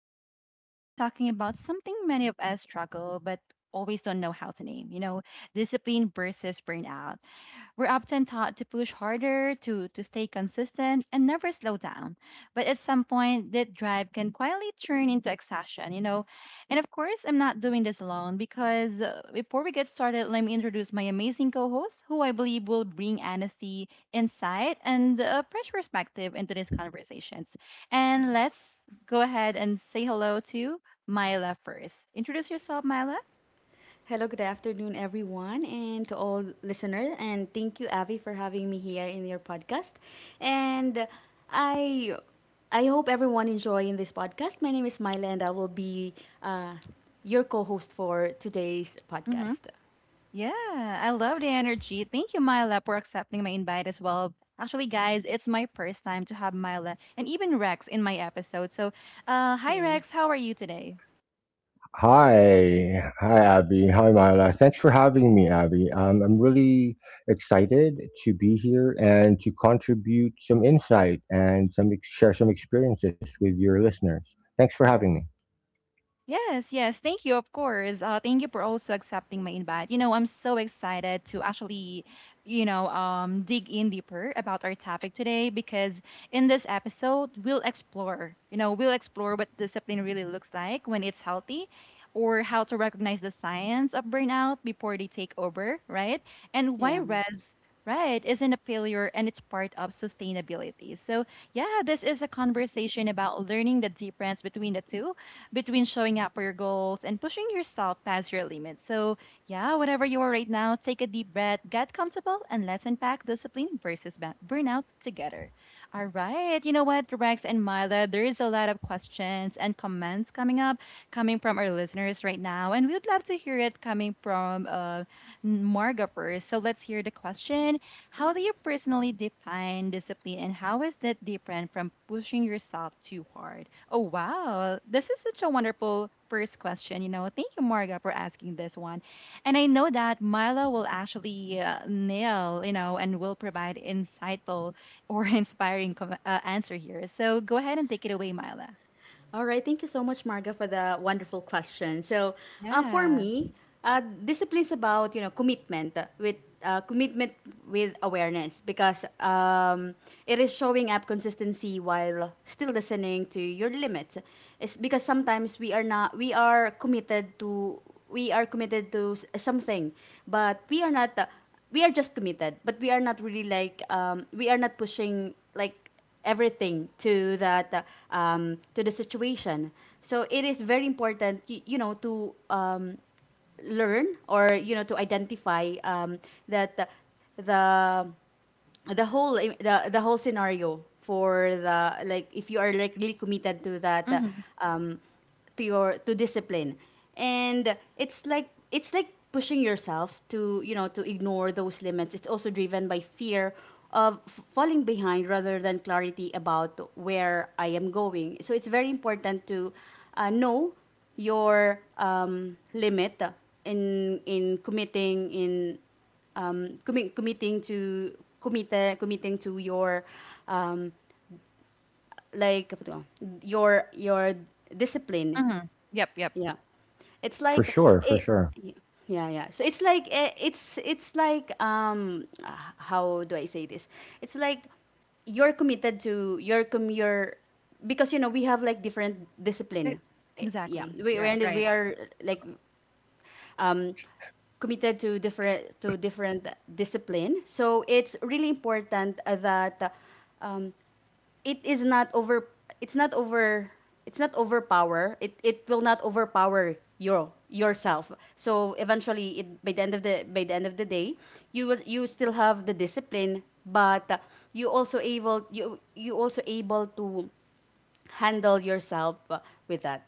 Vibes. Today we're talking about something many of us struggle but always don't know how to name. Discipline versus burnout. We're often taught to push harder, to stay consistent, and never slow down. But at some point, that drive can quietly turn into exhaustion. And of course, I'm not doing this alone because before we get started, let me introduce my amazing co host, who I believe will bring honesty, insight, and a fresh perspective into these conversations. And let's go ahead and say hello to Myla first. Introduce yourself, Myla. Hello, good afternoon, everyone, and to all listener. And thank you, Avi, for having me here in your podcast. And I, I hope everyone enjoying this podcast. My name is Myla, and I will be uh, your co-host for today's Mm-hmm. podcast. Yeah, I love the energy. Thank you, Myla, for accepting my invite as well. Actually, guys, it's my first time to have Myla and even Rex in my episode. So, hi, Yeah. Rex. How are you today? Hi Abby. Hi Myla. Thanks for having me, Abby. I'm really excited to be here and to contribute some insight and some share some experiences with your listeners. Thanks for having me. Yes, yes. Thank you, of course. Thank you for also accepting my invite. You know, I'm so excited to actually, dig in deeper about our topic today because in this episode, we'll explore what discipline really looks like when it's healthy or how to recognize the signs of burnout before they take over, right? And why Yeah. Right, isn't a failure and it's part of sustainability. So, yeah, this is a conversation about learning the difference between the two, between showing up for your goals and pushing yourself past your limits. So, yeah, whatever you are right now, take a deep breath, get comfortable, and let's unpack discipline versus burnout together. All right. You know what, Rex and Myla, there is a lot of questions and comments coming up, coming from our listeners right now, and we would love to hear it coming from Marga first. So, let's hear the question. How do you personally define discipline and how is that different from pushing yourself too hard? Oh, wow. This is such a wonderful first question. You know, thank you, Marga, for asking this one. And I know that Milo will actually nail, you know, and will provide insightful or inspiring answer here. So go ahead and take it away, Mila. All right, thank you so much, Marga, for the wonderful question. So, for Yeah. me, discipline is about commitment uh, commitment with awareness, because it is showing up consistency while still listening to your limits. It's because sometimes we are not we are committed to something, but we are not. We are just committed, but we are not really like we are not pushing like everything to that to the situation. So it is very important, to learn, or to identify, that the the whole scenario, for the, like, if you are like really committed to that, Hmm. To discipline. And it's like, pushing yourself to, to ignore those limits. It's also driven by fear of falling behind, rather than clarity about where I am going. So it's very important to know your limit in committing, in commi- committing to commit, committing to your um, like your discipline. Hmm. Yep. Yep. Yeah, it's For like sure, for it. sure. Yeah, yeah. So it's like, it's like, how do I say this. It's like, you're committed to your, com your, because we have like different E- discipline. Yeah, Exactly. we Yeah. We Right. are like um, committed to different, discipline. So it's really important that um, it is not over. It's not over. It's not overpower. It will not overpower your yourself. So eventually, it by the end of the, day, you still have the discipline, but you also able, you also able to handle yourself with that.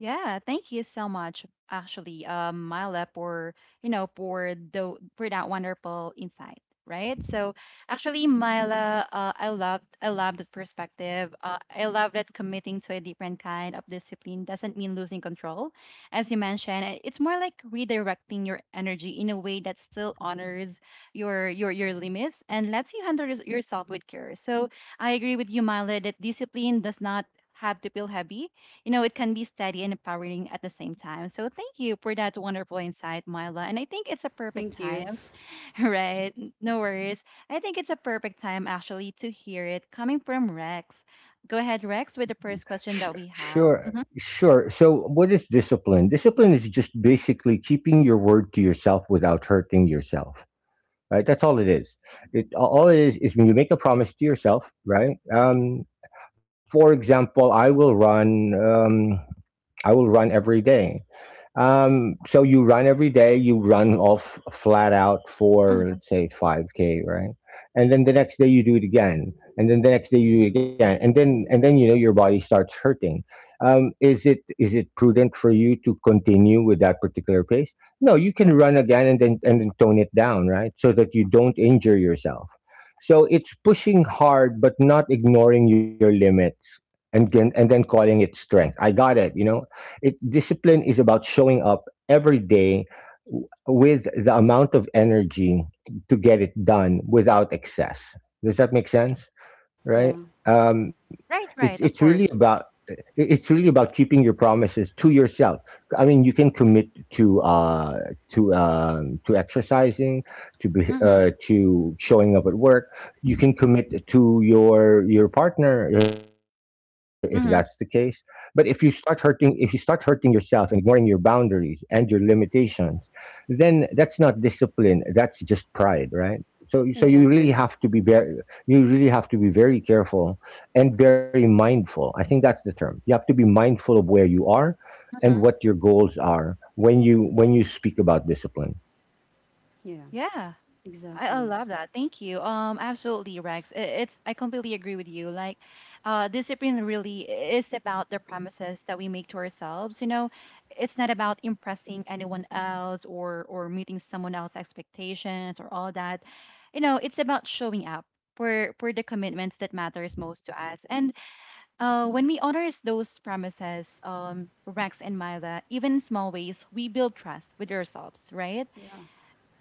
Yeah, thank you so much, actually, Myla, for you know for the for that wonderful insight, right? So actually, Myla, I love that perspective. I love that committing to a different kind of discipline doesn't mean losing control, as you mentioned. It's more like redirecting your energy in a way that still honors your limits and lets you handle yourself with care. So I agree with you, Myla, that discipline does not have to feel heavy. You know, it can be steady and empowering at the same time. So thank you for that wonderful insight, Myla. And I think it's a perfect Thank you. time, right? No worries. I think it's a perfect time actually to hear it coming from Rex. Go ahead, Rex, with the first question Sh- that we have. sure, Hmm. sure. So, what is discipline? Discipline is just basically keeping your word to yourself without hurting yourself. Right? That's all it is. It All it is when you make a promise to yourself, right? For example, I will run. I will run every day. So you run every day. You run off flat out for Hmm. let's say 5K, right? And then the next day you do it again, and then the next day you do it again, and then you know your body starts hurting. Is it prudent for you to continue with that particular pace? No, you can run again and then tone it down, right? So that you don't injure yourself. So it's pushing hard, but not ignoring your limits, and then calling it strength. I got it. You know, it discipline is about showing up every day with the amount of energy to get it done without excess. Does that make sense, Yeah. right? Um, Right, it, right, it's of really course. about it's really about keeping your promises to yourself. I mean, you can commit to, to, to exercising, Mm-hmm. To showing up at work. You can commit to your partner, if that's the case. But Mm-hmm. If you start hurting yourself and ignoring your boundaries and your limitations, then that's not discipline. That's just pride, right? So you really Exactly. have to be very careful and very mindful. I think that's the term. You have to be mindful of where you are and Mm-hmm. what your goals are, when you speak about discipline. Yeah. Yeah. I Exactly. love that. Thank you. Absolutely, Rex. I completely agree with you. Like, discipline really is about the promises that we make to ourselves. You know, it's not about impressing anyone else or meeting someone else's expectations or all that. You know, it's about showing up for the commitments that matters most to us. And when we honor those promises, Rex and Myla, even in small ways, we build trust with ourselves, right? Yeah,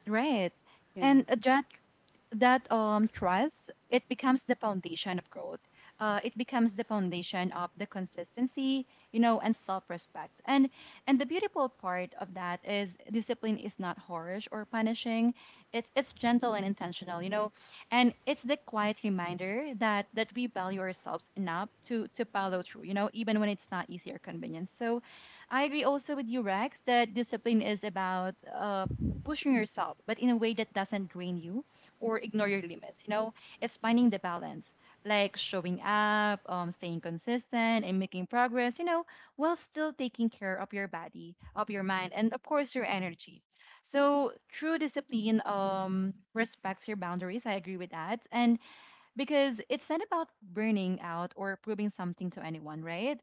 Right. yeah, And that trust it becomes the foundation of growth, it becomes the foundation of the consistency, you know, and self-respect. And the beautiful part of that is discipline is not harsh or punishing, it's gentle and intentional, you know, and it's the quiet reminder that we value ourselves enough to follow through, you know, even when it's not easy or convenient. So I agree also with you, Rex, that discipline is about pushing yourself but in a way that doesn't drain you or ignore your limits. You know, it's finding the balance, like showing up, staying consistent, and making progress. You know, while still taking care of your body, of your mind, and of course your energy. So true discipline respects your boundaries. I agree with that, and because it's not about burning out or proving something to anyone, right?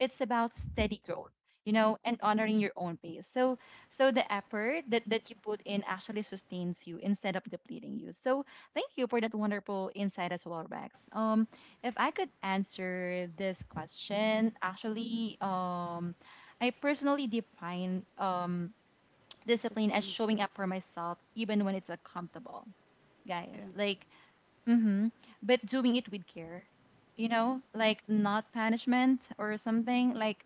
It's about steady growth, you know, and honoring your own pace. So, so the effort that, that you put in actually sustains you instead of depleting you. So, thank you for that wonderful insight as well, Rex. If I could answer this question, actually, I personally define discipline as discipline. showing up for myself even when it's uncomfortable, guys. Yeah. Like, mm-hmm. But doing it with care, you know, like not punishment or something. Like,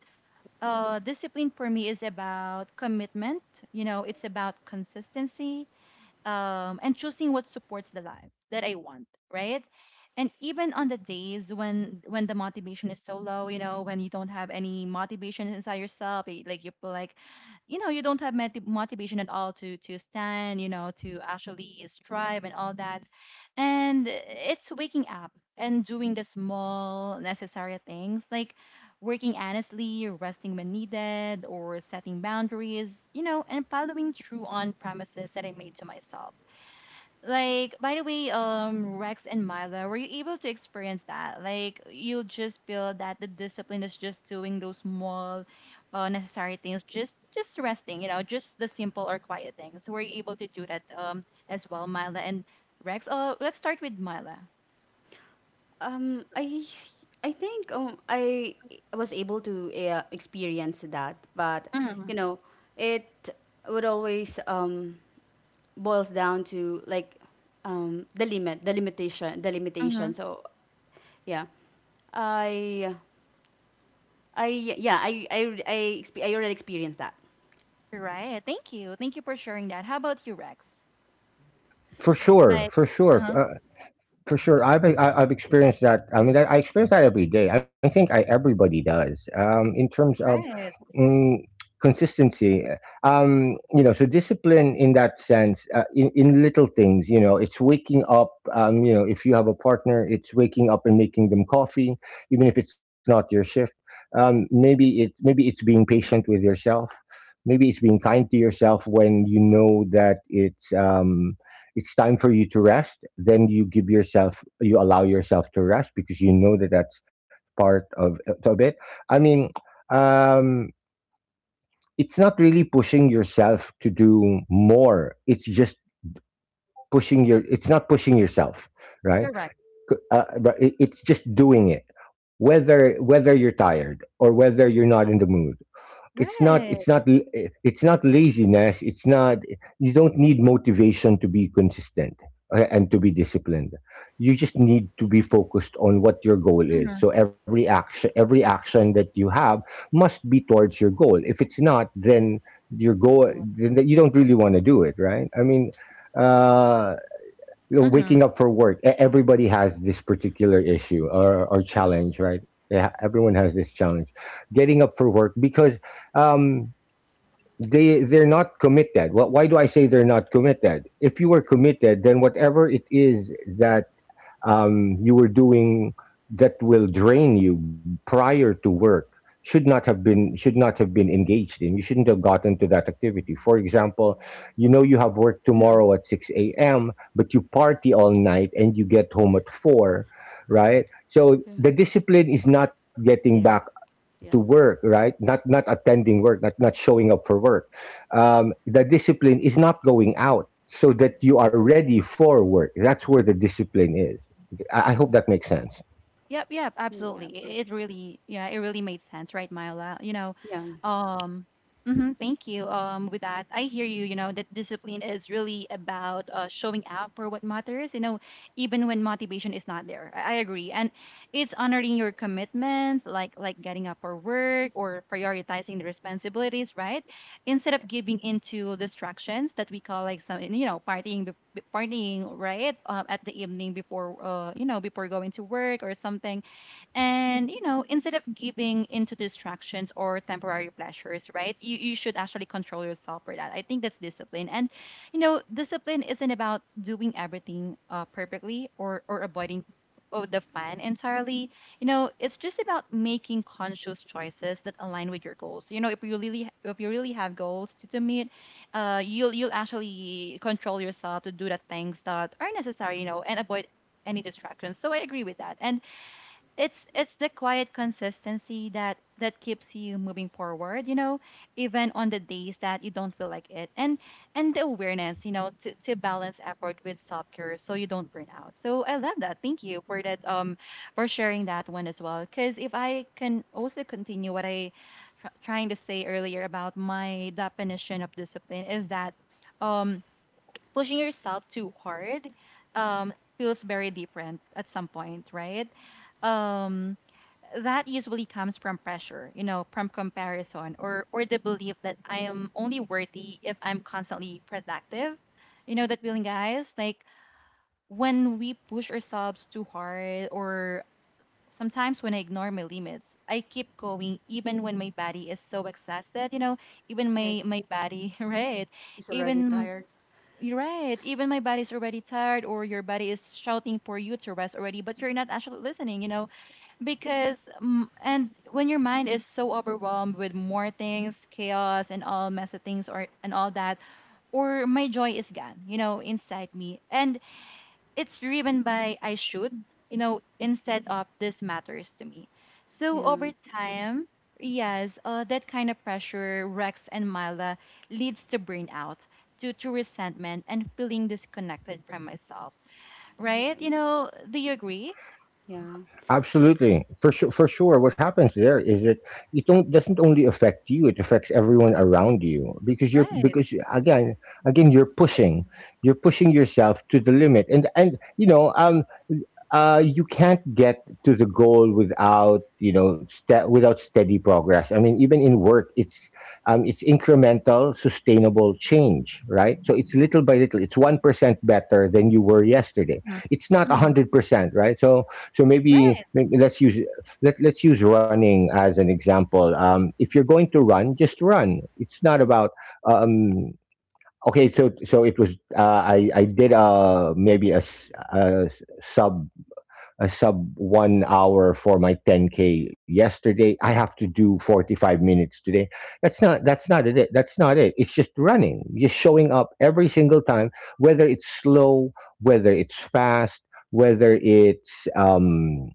discipline for me is about commitment, you know, it's about consistency, and choosing what supports the life that I want, right? And even on the days when the motivation is so low, you know, when you don't have any motivation inside yourself, like you feel like, you know, you don't have motivation at all to stand, you know, to actually strive and all that, and it's waking up and doing the small necessary things like working honestly, resting when needed, or setting boundaries, you know, and following through on promises that I made to myself. Like, by the way, Rex and Mila, were you able to experience that? Like, you'll just feel that the discipline is just doing those small, necessary things, just resting, you know, just the simple or quiet things. Were you able to do that as well, Mila and Rex? Let's start with Mila. Um, I I think I was able to experience that, but Mm-hmm. you know, it would always boils down to like the limit, the limitation, the limitation. Mm-hmm. So, yeah, I I yeah I I I, I already experienced that. Right. Thank you. Thank you for sharing that. How about you, Rex? For sure, Like, for sure. uh-huh. For sure, I've experienced that. I mean, I experience that every day. I think everybody does, in terms of, Right. mm, consistency, you know. So discipline in that sense, in little things. You know, it's waking up, you know, if you have a partner, it's waking up and making them coffee, even if it's not your shift. Maybe it, maybe it's being patient with yourself. Maybe it's being kind to yourself when you know that it's time for you to rest, then you allow yourself to rest, because you know that that's part of it. I mean, um it's not really pushing yourself to do more, it's not pushing yourself, right? Correct. But it's just doing it, whether you're tired or whether you're not in the mood. it's not it's Right. not l- eh, it's not laziness. It's not You don't need motivation to be consistent, and to be disciplined. You just need to be focused on what your goal is. Mhm. So every action, that you have must be towards your goal. If it's not, then your It's goal not then you don't really want to do it, right? I mean, uh you know, Mhm. waking up for work. Everybody has this particular issue, or challenge, right? They Everyone has this challenge, getting up for work because, um, they're not committed. Why do I say they're not committed? If you were committed, then whatever it is that, you were doing, that will drain you prior to work, should not have been engaged in. You shouldn't have gotten to that activity. For example, you know you have work Mhm. tomorrow at 6 a.m., but you party all night and you get home at four, right? So the discipline is not getting back there. to Yeah. work. Right? Not attending work, not showing up for work. The discipline is not going out, so that you are ready for work. That's where the discipline is. I hope that makes sense. Yep, yep, Mm, absolutely. yep. Yep. It really, yeah, it really made sense, right, Myla? You know, Yeah. um, mhm, thank you. With that, I hear you. You know, that discipline is really about showing up for what matters. You know, even when motivation is not there. I agree, and it's honoring your commitments, like getting up for work or prioritizing the responsibilities, right? Instead of giving into distractions that we call like some, you know, partying morning, right? At the evening before, you know, before going to work or something. And you know, instead of giving into distractions or temporary pleasures, right? You should actually control yourself for that. I think that's discipline. And you know, discipline isn't about doing everything perfectly or avoiding, oh, the fun entirely. You know, it's just about making conscious choices that align with your goals. You know, if you really have goals to meet, you'll actually control yourself to do the things that are necessary. You know, and avoid any distractions. So I agree with that. And it's the quiet consistency that keeps you moving forward, you know, even on the days that you don't feel like it. And the awareness, you know, to balance effort with self care so you don't burn out. So I love that. Thank you for that, for sharing that one as well because if I can also continue what I trying to say earlier about my definition of discipline is that um pushing yourself too hard um, feels very different at some point, right? Um, that usually comes from pressure, you know, from comparison or the belief that I am only worthy if I'm constantly productive. You know that feeling, guys. Like when we push ourselves too hard, or sometimes when I ignore my limits, I keep going even when my body is so exhausted. You know, even my Yes. my body, right? It's already Even tired. you're right. Even my body's already tired, or your body is shouting for you to rest already, but you're not actually listening, you know, and when your mind is so overwhelmed with more things, chaos, and all mess of things, or and all that, or my joy is gone, you know, inside me. And it's driven by I should, you know, instead of this matters to me. So over Yeah. time, yes, that kind of pressure, Rex and Mila, leads to burnout, to resentment, and feeling disconnected from myself, Yeah. right? You know, do you agree? Yeah. Absolutely, for sure, for sure. What happens there is that it don't, doesn't only affect you, it affects everyone around you, because you're, Right. Again, you're pushing, yourself to the limit. And you know, you can't get to the goal without, you know, without steady progress. I mean, even in work, it's, it's incremental, sustainable change, right? So it's little by little. It's 1% better than you were yesterday. Hmm. It's not a Hmm. hundred percent, right? So maybe, Right. Let's use, let's use running as an example. If you're going to run, just run. It's not about, um, okay. So it was, I did, maybe sub a sub 1 hour for my 10K yesterday. I have to do 45 minutes today. That's not it. It's just running, just showing up every single time, whether it's slow, whether it's fast, whether it's,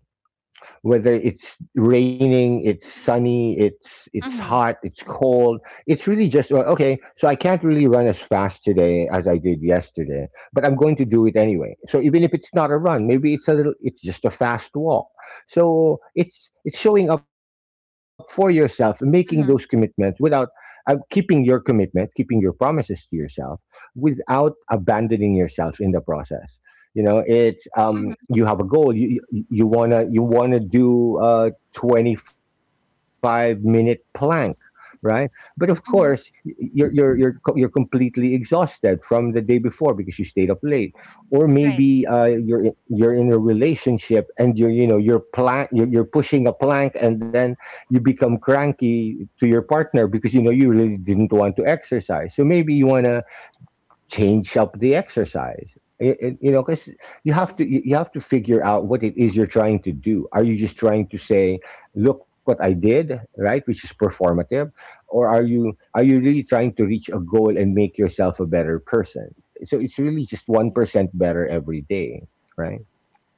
whether it's raining, it's sunny, it's Hmm. hot, it's cold. It's really just, well, okay. So I can't really run as fast today as I did yesterday, but I'm going to do it anyway. So even if it's not a run, maybe it's a little. It's just a fast walk. So it's showing up for yourself, making those commitments Hmm. without. Keeping your commitment, keeping your promises to yourself, without abandoning yourself in the process. You know, it's, you Hmm. have a goal, you want to do a 25-minute plank, right? But of course, y- y- Yeah, Hmm. you're you're you're co- you're completely exhausted from the day before because you stayed up late. Or Right. maybe, you're in, a relationship, and you're you know you're plank you're pushing a plank, and then you become cranky to your partner, because you know you really didn't want to exercise. So maybe you want to change up the exercise. You know, because you yeah, have to, you have to figure out what it is you're trying to do. Are you just trying to say, look what I did, right? Which is performative. Or are you really trying to reach a goal and make yourself a better person? So it's really just 1% better every day, right?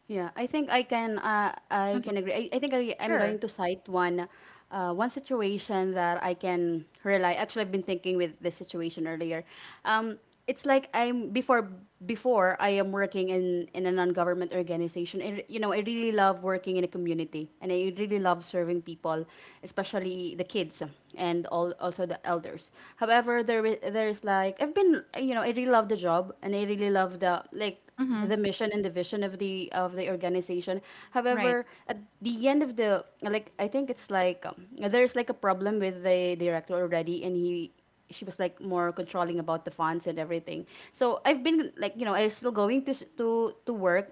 yeah. I think I can. I Hmm. can agree. I think, I'm going Sure. to cite one, one situation that I can rely. Actually, I've been thinking with this situation earlier. Um, it's like, I'm before before I am working in a non-government organization. I really love working in a community, and I really love serving people, especially the kids, and all, also the elders. However, there is, like, I've been. I really love the job, and I really love the, Hmm. Mission, and the vision of the organization. Right. However, at the end of the, like, I think it's like, there's like a problem with the director already. And he she was like more controlling about the funds and everything. So I've been, like, you know, I'm still going to work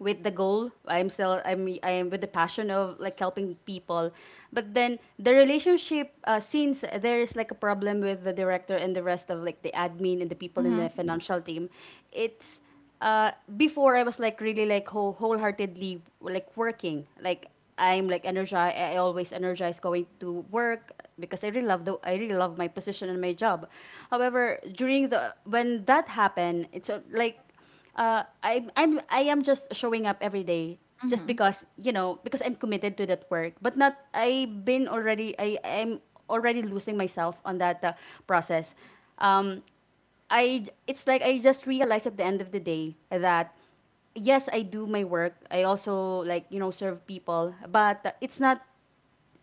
with the goal. I'm still, I'm with the passion of, like, helping people. But then, the relationship, since there is like a problem with the director, and the rest of, like, the admin and the people in the Hmm. financial team, it's, uh, before I was like really, like, wholeheartedly, like, working, like, I'm, like, energized. I always energize going to work, because I really love the, I really love my position, and my job. However, during the when that happened, it's, like, I'm, I am just showing up every day, just Hmm. because, because I'm committed to that work. But not, I've been already, I'm already losing myself on that process. Um, it's like, I just realized at the end of the day that, yes, I do my work. I also, like, serve people, but it's not,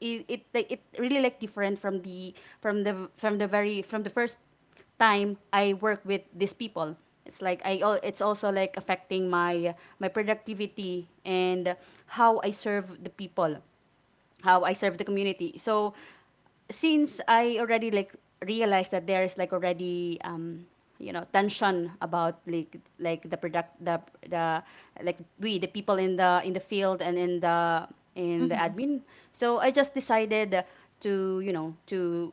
it it like, it really, like, different from the from the from the very from the first time I work with these people. It's also like affecting my productivity, and how I serve the people, how I serve the community. So since I already, like, realized that there is, like, already, tension about, like, the product, the, like, we the people in the, field, and in the, Hmm. admin. So I just decided to, to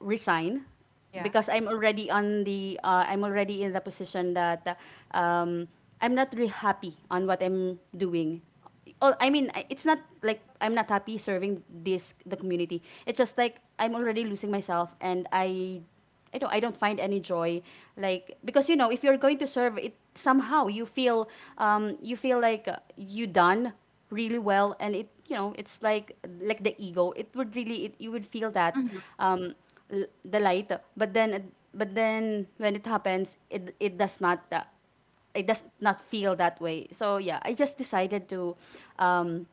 resign, Yeah. because I'm already in the position that, uh, um, I'm not really happy on what I'm doing. Oh, I mean, it's not like I'm not happy serving this the community. It's just like I'm already losing myself, and I don't find any joy, like, because, if you're going to serve, it somehow you feel, like, you done really well. And it, it's like, the ego, it would really, you would feel that, Hmm. um, the light. But then, when it happens, it, it does not feel that way. So, yeah, I just decided to, um,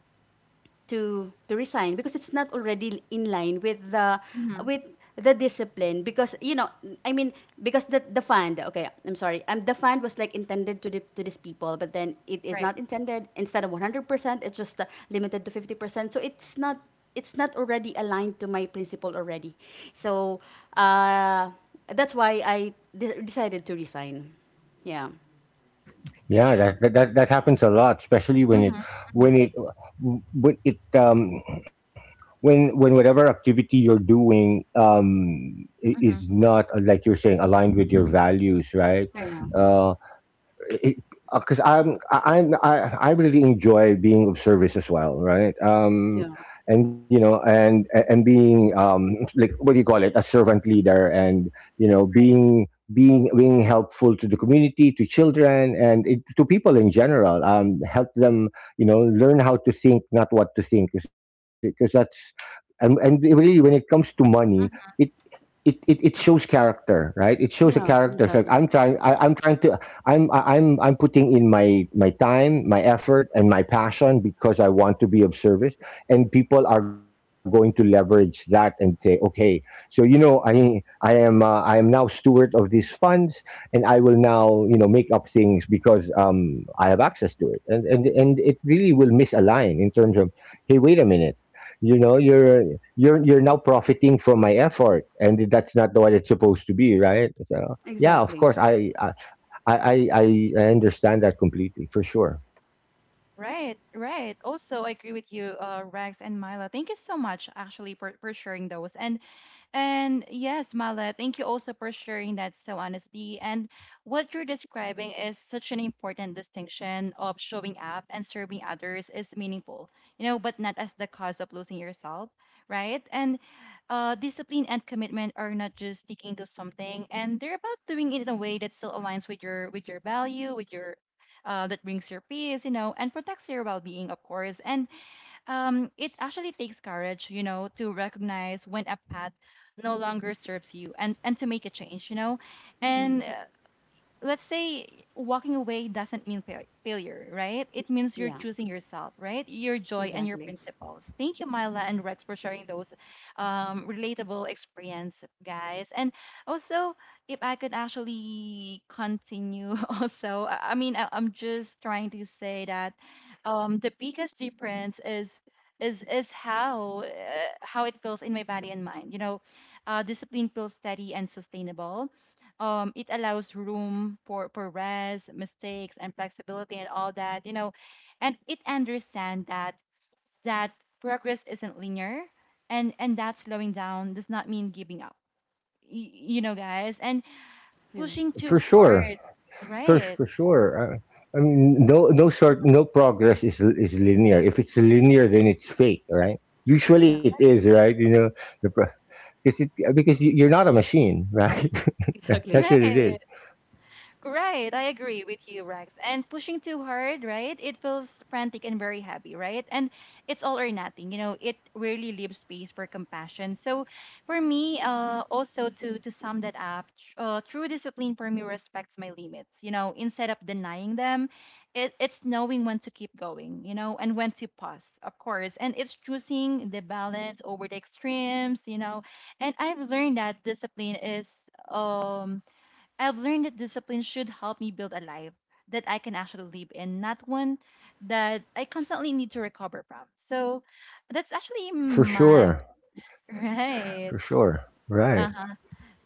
resign, because it's not already in line with the, Hmm. with discipline. Because, I mean, because the fund, okay, I'm sorry, the fund was like intended to to these people, but then it is Right. not intended. Instead of 100%, it's just limited to 50%. So it's not, already aligned to my principle already. So, uh that's why I decided to resign. Yeah. Yeah, that happens a lot, especially when Hmm. it Hmm. when it when it when whatever activity you're doing, Hmm. is not, like you're saying, aligned with your values, right? Yeah. Right. Uh, because I really enjoy being of service as well, right? Yeah, And you know, and being, like, what do you call it, a servant leader, and you know, Right. Being helpful to the community, to children, to people in general. Help them, you know, learn how to think, not what to think, because that's and really, when it comes to money, It, Mhm. it shows character, right? It shows a yeah. character. So like, Exactly. I'm putting in my time, my effort, and my passion, because I want to be of service. And people are going to leverage that and say, okay, so you know, I am now steward of these funds, and I will now, make up things, because, I have access to it. And it really will misalign in terms of, hey, wait a minute, you know, you're now profiting from my effort, and that's not the what it's supposed to be, right? So yeah, of Exactly. course, i I understand that completely, for sure, Right, right. Also, I agree with you, Rex and Mila. Thank you so much, actually, for sharing those. And yes, Mala, thank you also for sharing that so honestly. And what you're describing is such an important distinction of showing up and serving others is meaningful, you know, but not as the cause of losing yourself, right? And discipline and commitment are not just sticking to something, and they're about doing it in a way that still aligns with your value, with your that brings your peace, you know, and protects your well being, of course. And it actually takes courage, you know, to recognize when a path no longer serves you and to make a change, you know. And let's say walking away doesn't mean failure, right? It means you're Yeah. choosing yourself, right? Your joy and your Exactly. principles. Thank you, Myla and Rex, for sharing those relatable experience, guys. And also, if I could actually continue, also, I'm just trying to say that the biggest difference is how it feels in my body and mind. You know, discipline feels steady and sustainable, it allows room for rest, mistakes, and flexibility, and all that, you know. And it understands that that progress isn't linear, and that slowing down does not mean giving up, you know, guys. And Yeah. pushing for too sure. hard, for right? for sure uh, I mean, no, no sort no, progress is linear. If it's linear, then it's fake, right? Usually Yeah. it is, right? You know? the pro- because you're not a machine, right? Exactly. That's what it Right. is, Right, I agree with you, Rex. And pushing too hard, right? It feels frantic and very heavy, right? And it's all or nothing. You know, it really leaves space for compassion. So, for me, also to sum that up, true discipline for me respects my limits. You know, instead of denying them, it's knowing when to keep going. You know, and when to pause, of course. And it's choosing the balance over the extremes. You know, and I've learned that discipline is um I've learned that discipline should help me build a life that I can actually live in, not one that I constantly need to recover from. So that's actually for my... sure, Right. for sure. Right. Uh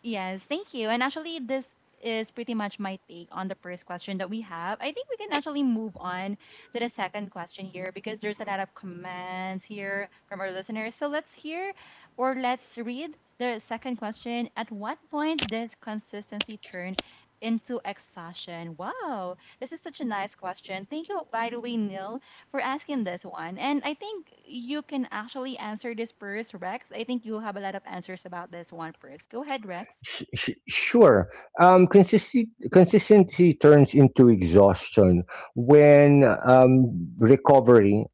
Yes, thank you. And actually, this is pretty much my take on the first question that we have. I think we can actually move on to the second question here because there's a lot of comments here from our listeners. So let's hear or let's read the second question. At what point does consistency turn into exhaustion? Wow, this is such a nice question. Thank you, by the way, Neil, for asking this one. And I think you can actually answer this first, Rex. I think you have a lot of answers about this one first. Go ahead, Rex. Sure. Consistency turns into exhaustion when,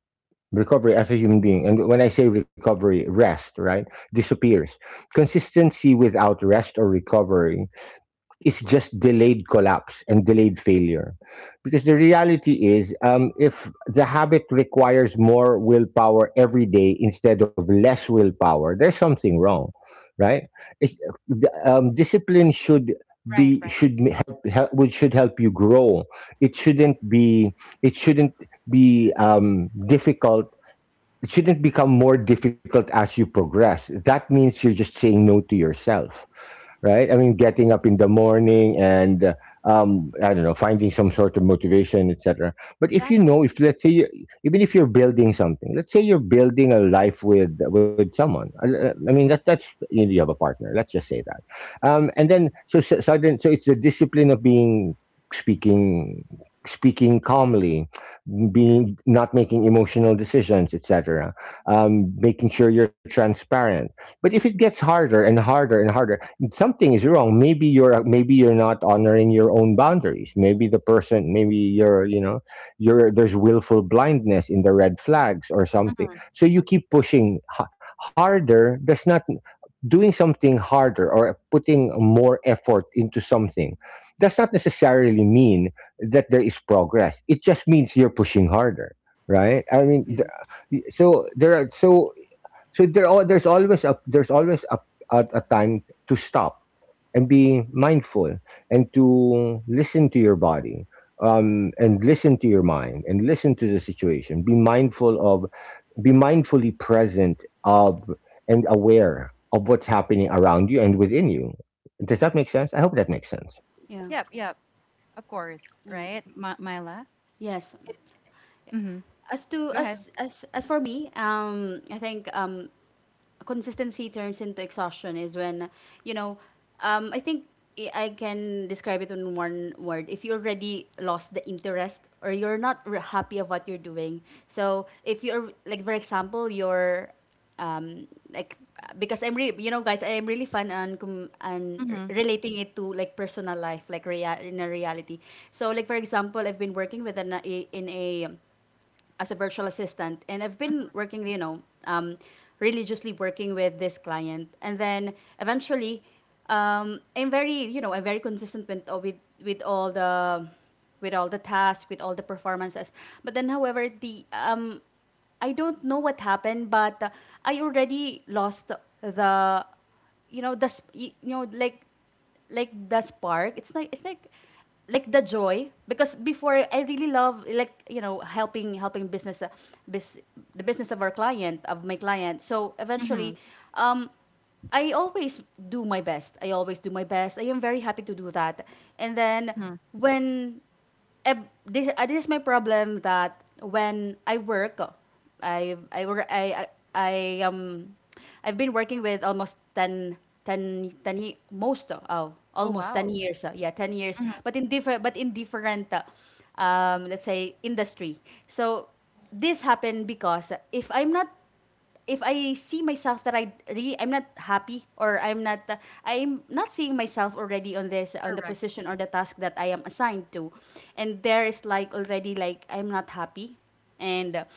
recovery as a human being, and when I say recovery, rest, right, disappears. Consistency without rest or recovery, it's just delayed collapse and delayed failure. Because the reality is, if the habit requires more willpower every day instead of less willpower, there's something wrong, right? It's, discipline should Right, be right. should m- help, help which should help you grow. It shouldn't be it shouldn't be, difficult. It shouldn't become more difficult as you progress. That means you're just saying no to yourself, right? I mean, getting up in the morning, and, I don't know, finding some sort of motivation, etc. But if, Exactly. if let's say you, even if you're building something, let's say you're building a life with, someone. I mean, that's, you have a partner. Let's just say that. And then, so it's the discipline of being, speaking speaking calmly, being, not making emotional decisions, etc. Making sure you're transparent. But if it gets harder and harder and harder, something is wrong. Maybe you're, maybe you're not honoring your own boundaries. Maybe the person, maybe you're you know you're there's willful blindness in the red flags or something. Mm-hmm. So you keep pushing, harder. That's not. Doing something harder or putting more effort into something does not necessarily mean that there is progress. It just means you're pushing harder, right? I mean, Yeah. th- so there are so there's always a, time to stop and be mindful, and to listen to your body, and listen to your mind, and listen to the situation, be mindfully present of, and aware of, what's happening around you and within you. Does that make sense? I hope that makes sense. Yeah. Yep, yep. Of course, Mm. right? Myla? Yes. It, mm-hmm. As to Go ahead. as as for me, I think, consistency turns into exhaustion is when, you know I think I can describe it in one word: if you already lost the interest, or you're not happy of what you're doing. So if you're, like, for example, you're, like, because I'm really, guys, I'm really fun on, Mm-hmm, relating it to, like, personal life, like, in a reality. So, like, for example, I've been working with an a, in a as a virtual assistant, and I've been working, religiously working with this client. And then eventually, I'm very, I'm very consistent with, with all the with all the tasks, with all the performances. But then, however, the, I don't know what happened, but, I already lost the, like, the spark. It's like, like the joy, because before I really love, like, helping, business, bus the business of my client. So mm-hmm, eventually, um, I always do my best. I always do my best. I am very happy to do that. And then mm-hmm, when, this, this is my problem, that when I work, I I work I I, I um I've been working with almost 10 ye- most oh oh, almost ten wow. years yeah, 10 years, Mm-hmm, but in different, let's say, industry. So this happened because, if I see myself that I really, I'm not happy, or I'm not, I'm not seeing myself already on the correct. position or the task that I am assigned to, and there is, like, already, like, I'm not happy, and,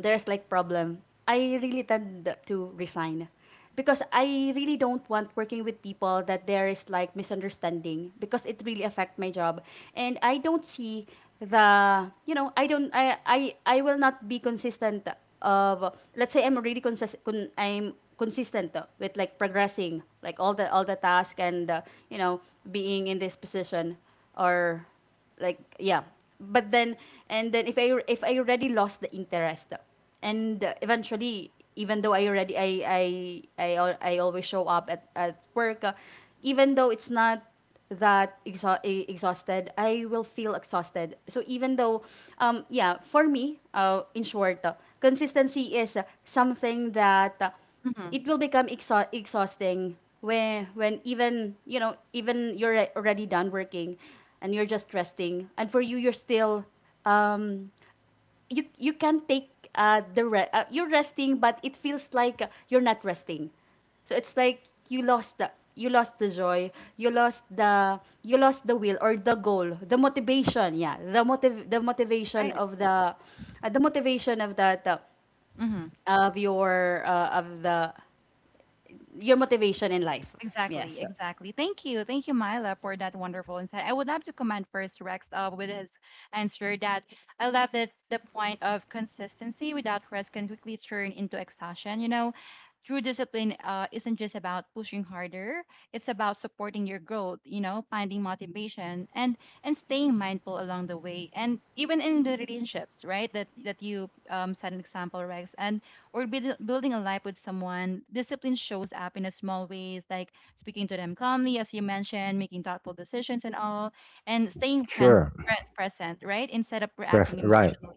there's like problem. I really tend to resign, because I really don't want working with people that there is, like, misunderstanding, because it really affect my job. And I don't see the, I don't I will not be consistent of. Let's say I'm really consistent, I'm consistent with, like, progressing, like, all the task, and, you know, being in this position, or like. Yeah, but then, and then if, I if I already lost the interest, and, eventually, even though I already, I always show up at work, even though it's not that, exhausted, I will feel exhausted. So, even though, yeah, for me, in short, consistency is something that, Mm-hmm, it will become exhausting when, even, you know, even you're already done working, and you're just resting, and for you, you're still, um you can take, you're resting, but it feels like, you're not resting. So it's like, you lost the joy, you lost the will, or the goal, the motivation. Yeah, the motiv the motivation right. of the, the motivation of that, Mm-hmm. of your, of the, your motivation in life. Exactly, Yes. exactly. Thank you. Thank you, Myla, for that wonderful insight. I would love to comment first, Rex, with his answer that I love that the point of consistency without rest can quickly turn into exhaustion. You know, true discipline isn't just about pushing harder, it's about supporting your growth, you know, finding motivation and staying mindful along the way. And even in the relationships, right? That you set an example, Rex. And or build, building a life with someone, discipline shows up in a small ways, like speaking to them calmly, as you mentioned, making thoughtful decisions and all, and staying Sure. Present, right? Instead of reacting Right. emotionally.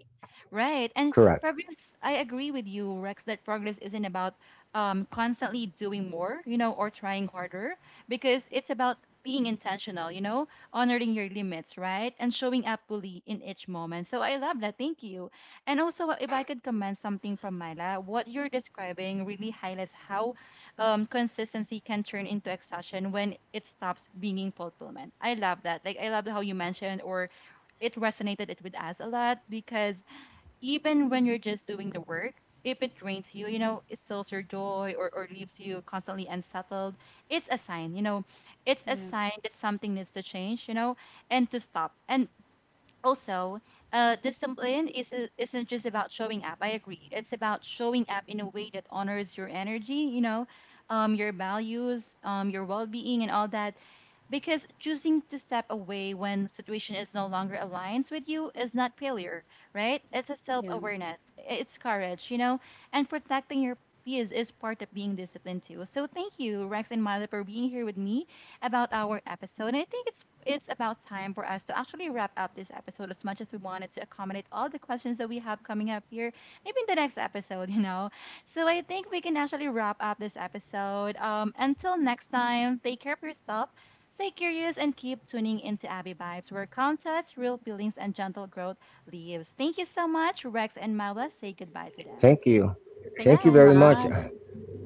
Right. And Correct. progress, I agree with you, Rex, that progress isn't about constantly doing more, you know, or trying harder, because it's about being intentional, you know, honoring your limits, right? And showing up fully in each moment. So I love that. Thank you. And also, if I could comment something from Myla, what you're describing really highlights how consistency can turn into exhaustion when it stops being fulfillment. I love that. Like, I love how you mentioned, or it resonated it with us a lot because even when you're just doing the work, if it drains you, you know, it stills your joy, or leaves you constantly unsettled, it's a sign, you know, it's a Yeah. sign that something needs to change, you know, and to stop. And also discipline is, isn't just about showing up. I agree, it's about showing up in a way that honors your energy, you know, your values, your well-being, and all that, because choosing to step away when situation is no longer aligns with you is not failure, right? It's a Yeah. self-awareness, it's courage, you know, and protecting your peace is part of being disciplined too. So thank you, Rex and Milo, for being here with me about our episode. And I think it's about time for us to actually wrap up this episode, as much as we wanted to accommodate all the questions that we have coming up here. Maybe in the next episode, you know. So I think we can actually wrap up this episode. Until next time, take care of yourself. Stay curious and keep tuning into Abby Vibes, where contests, real feelings, and gentle growth lives. Thank you so much, Rex and Myla. Say goodbye to them. Thank you. Thank you Thank so you Bye. very much. much.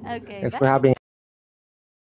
Okay, Thanks for bye. having us.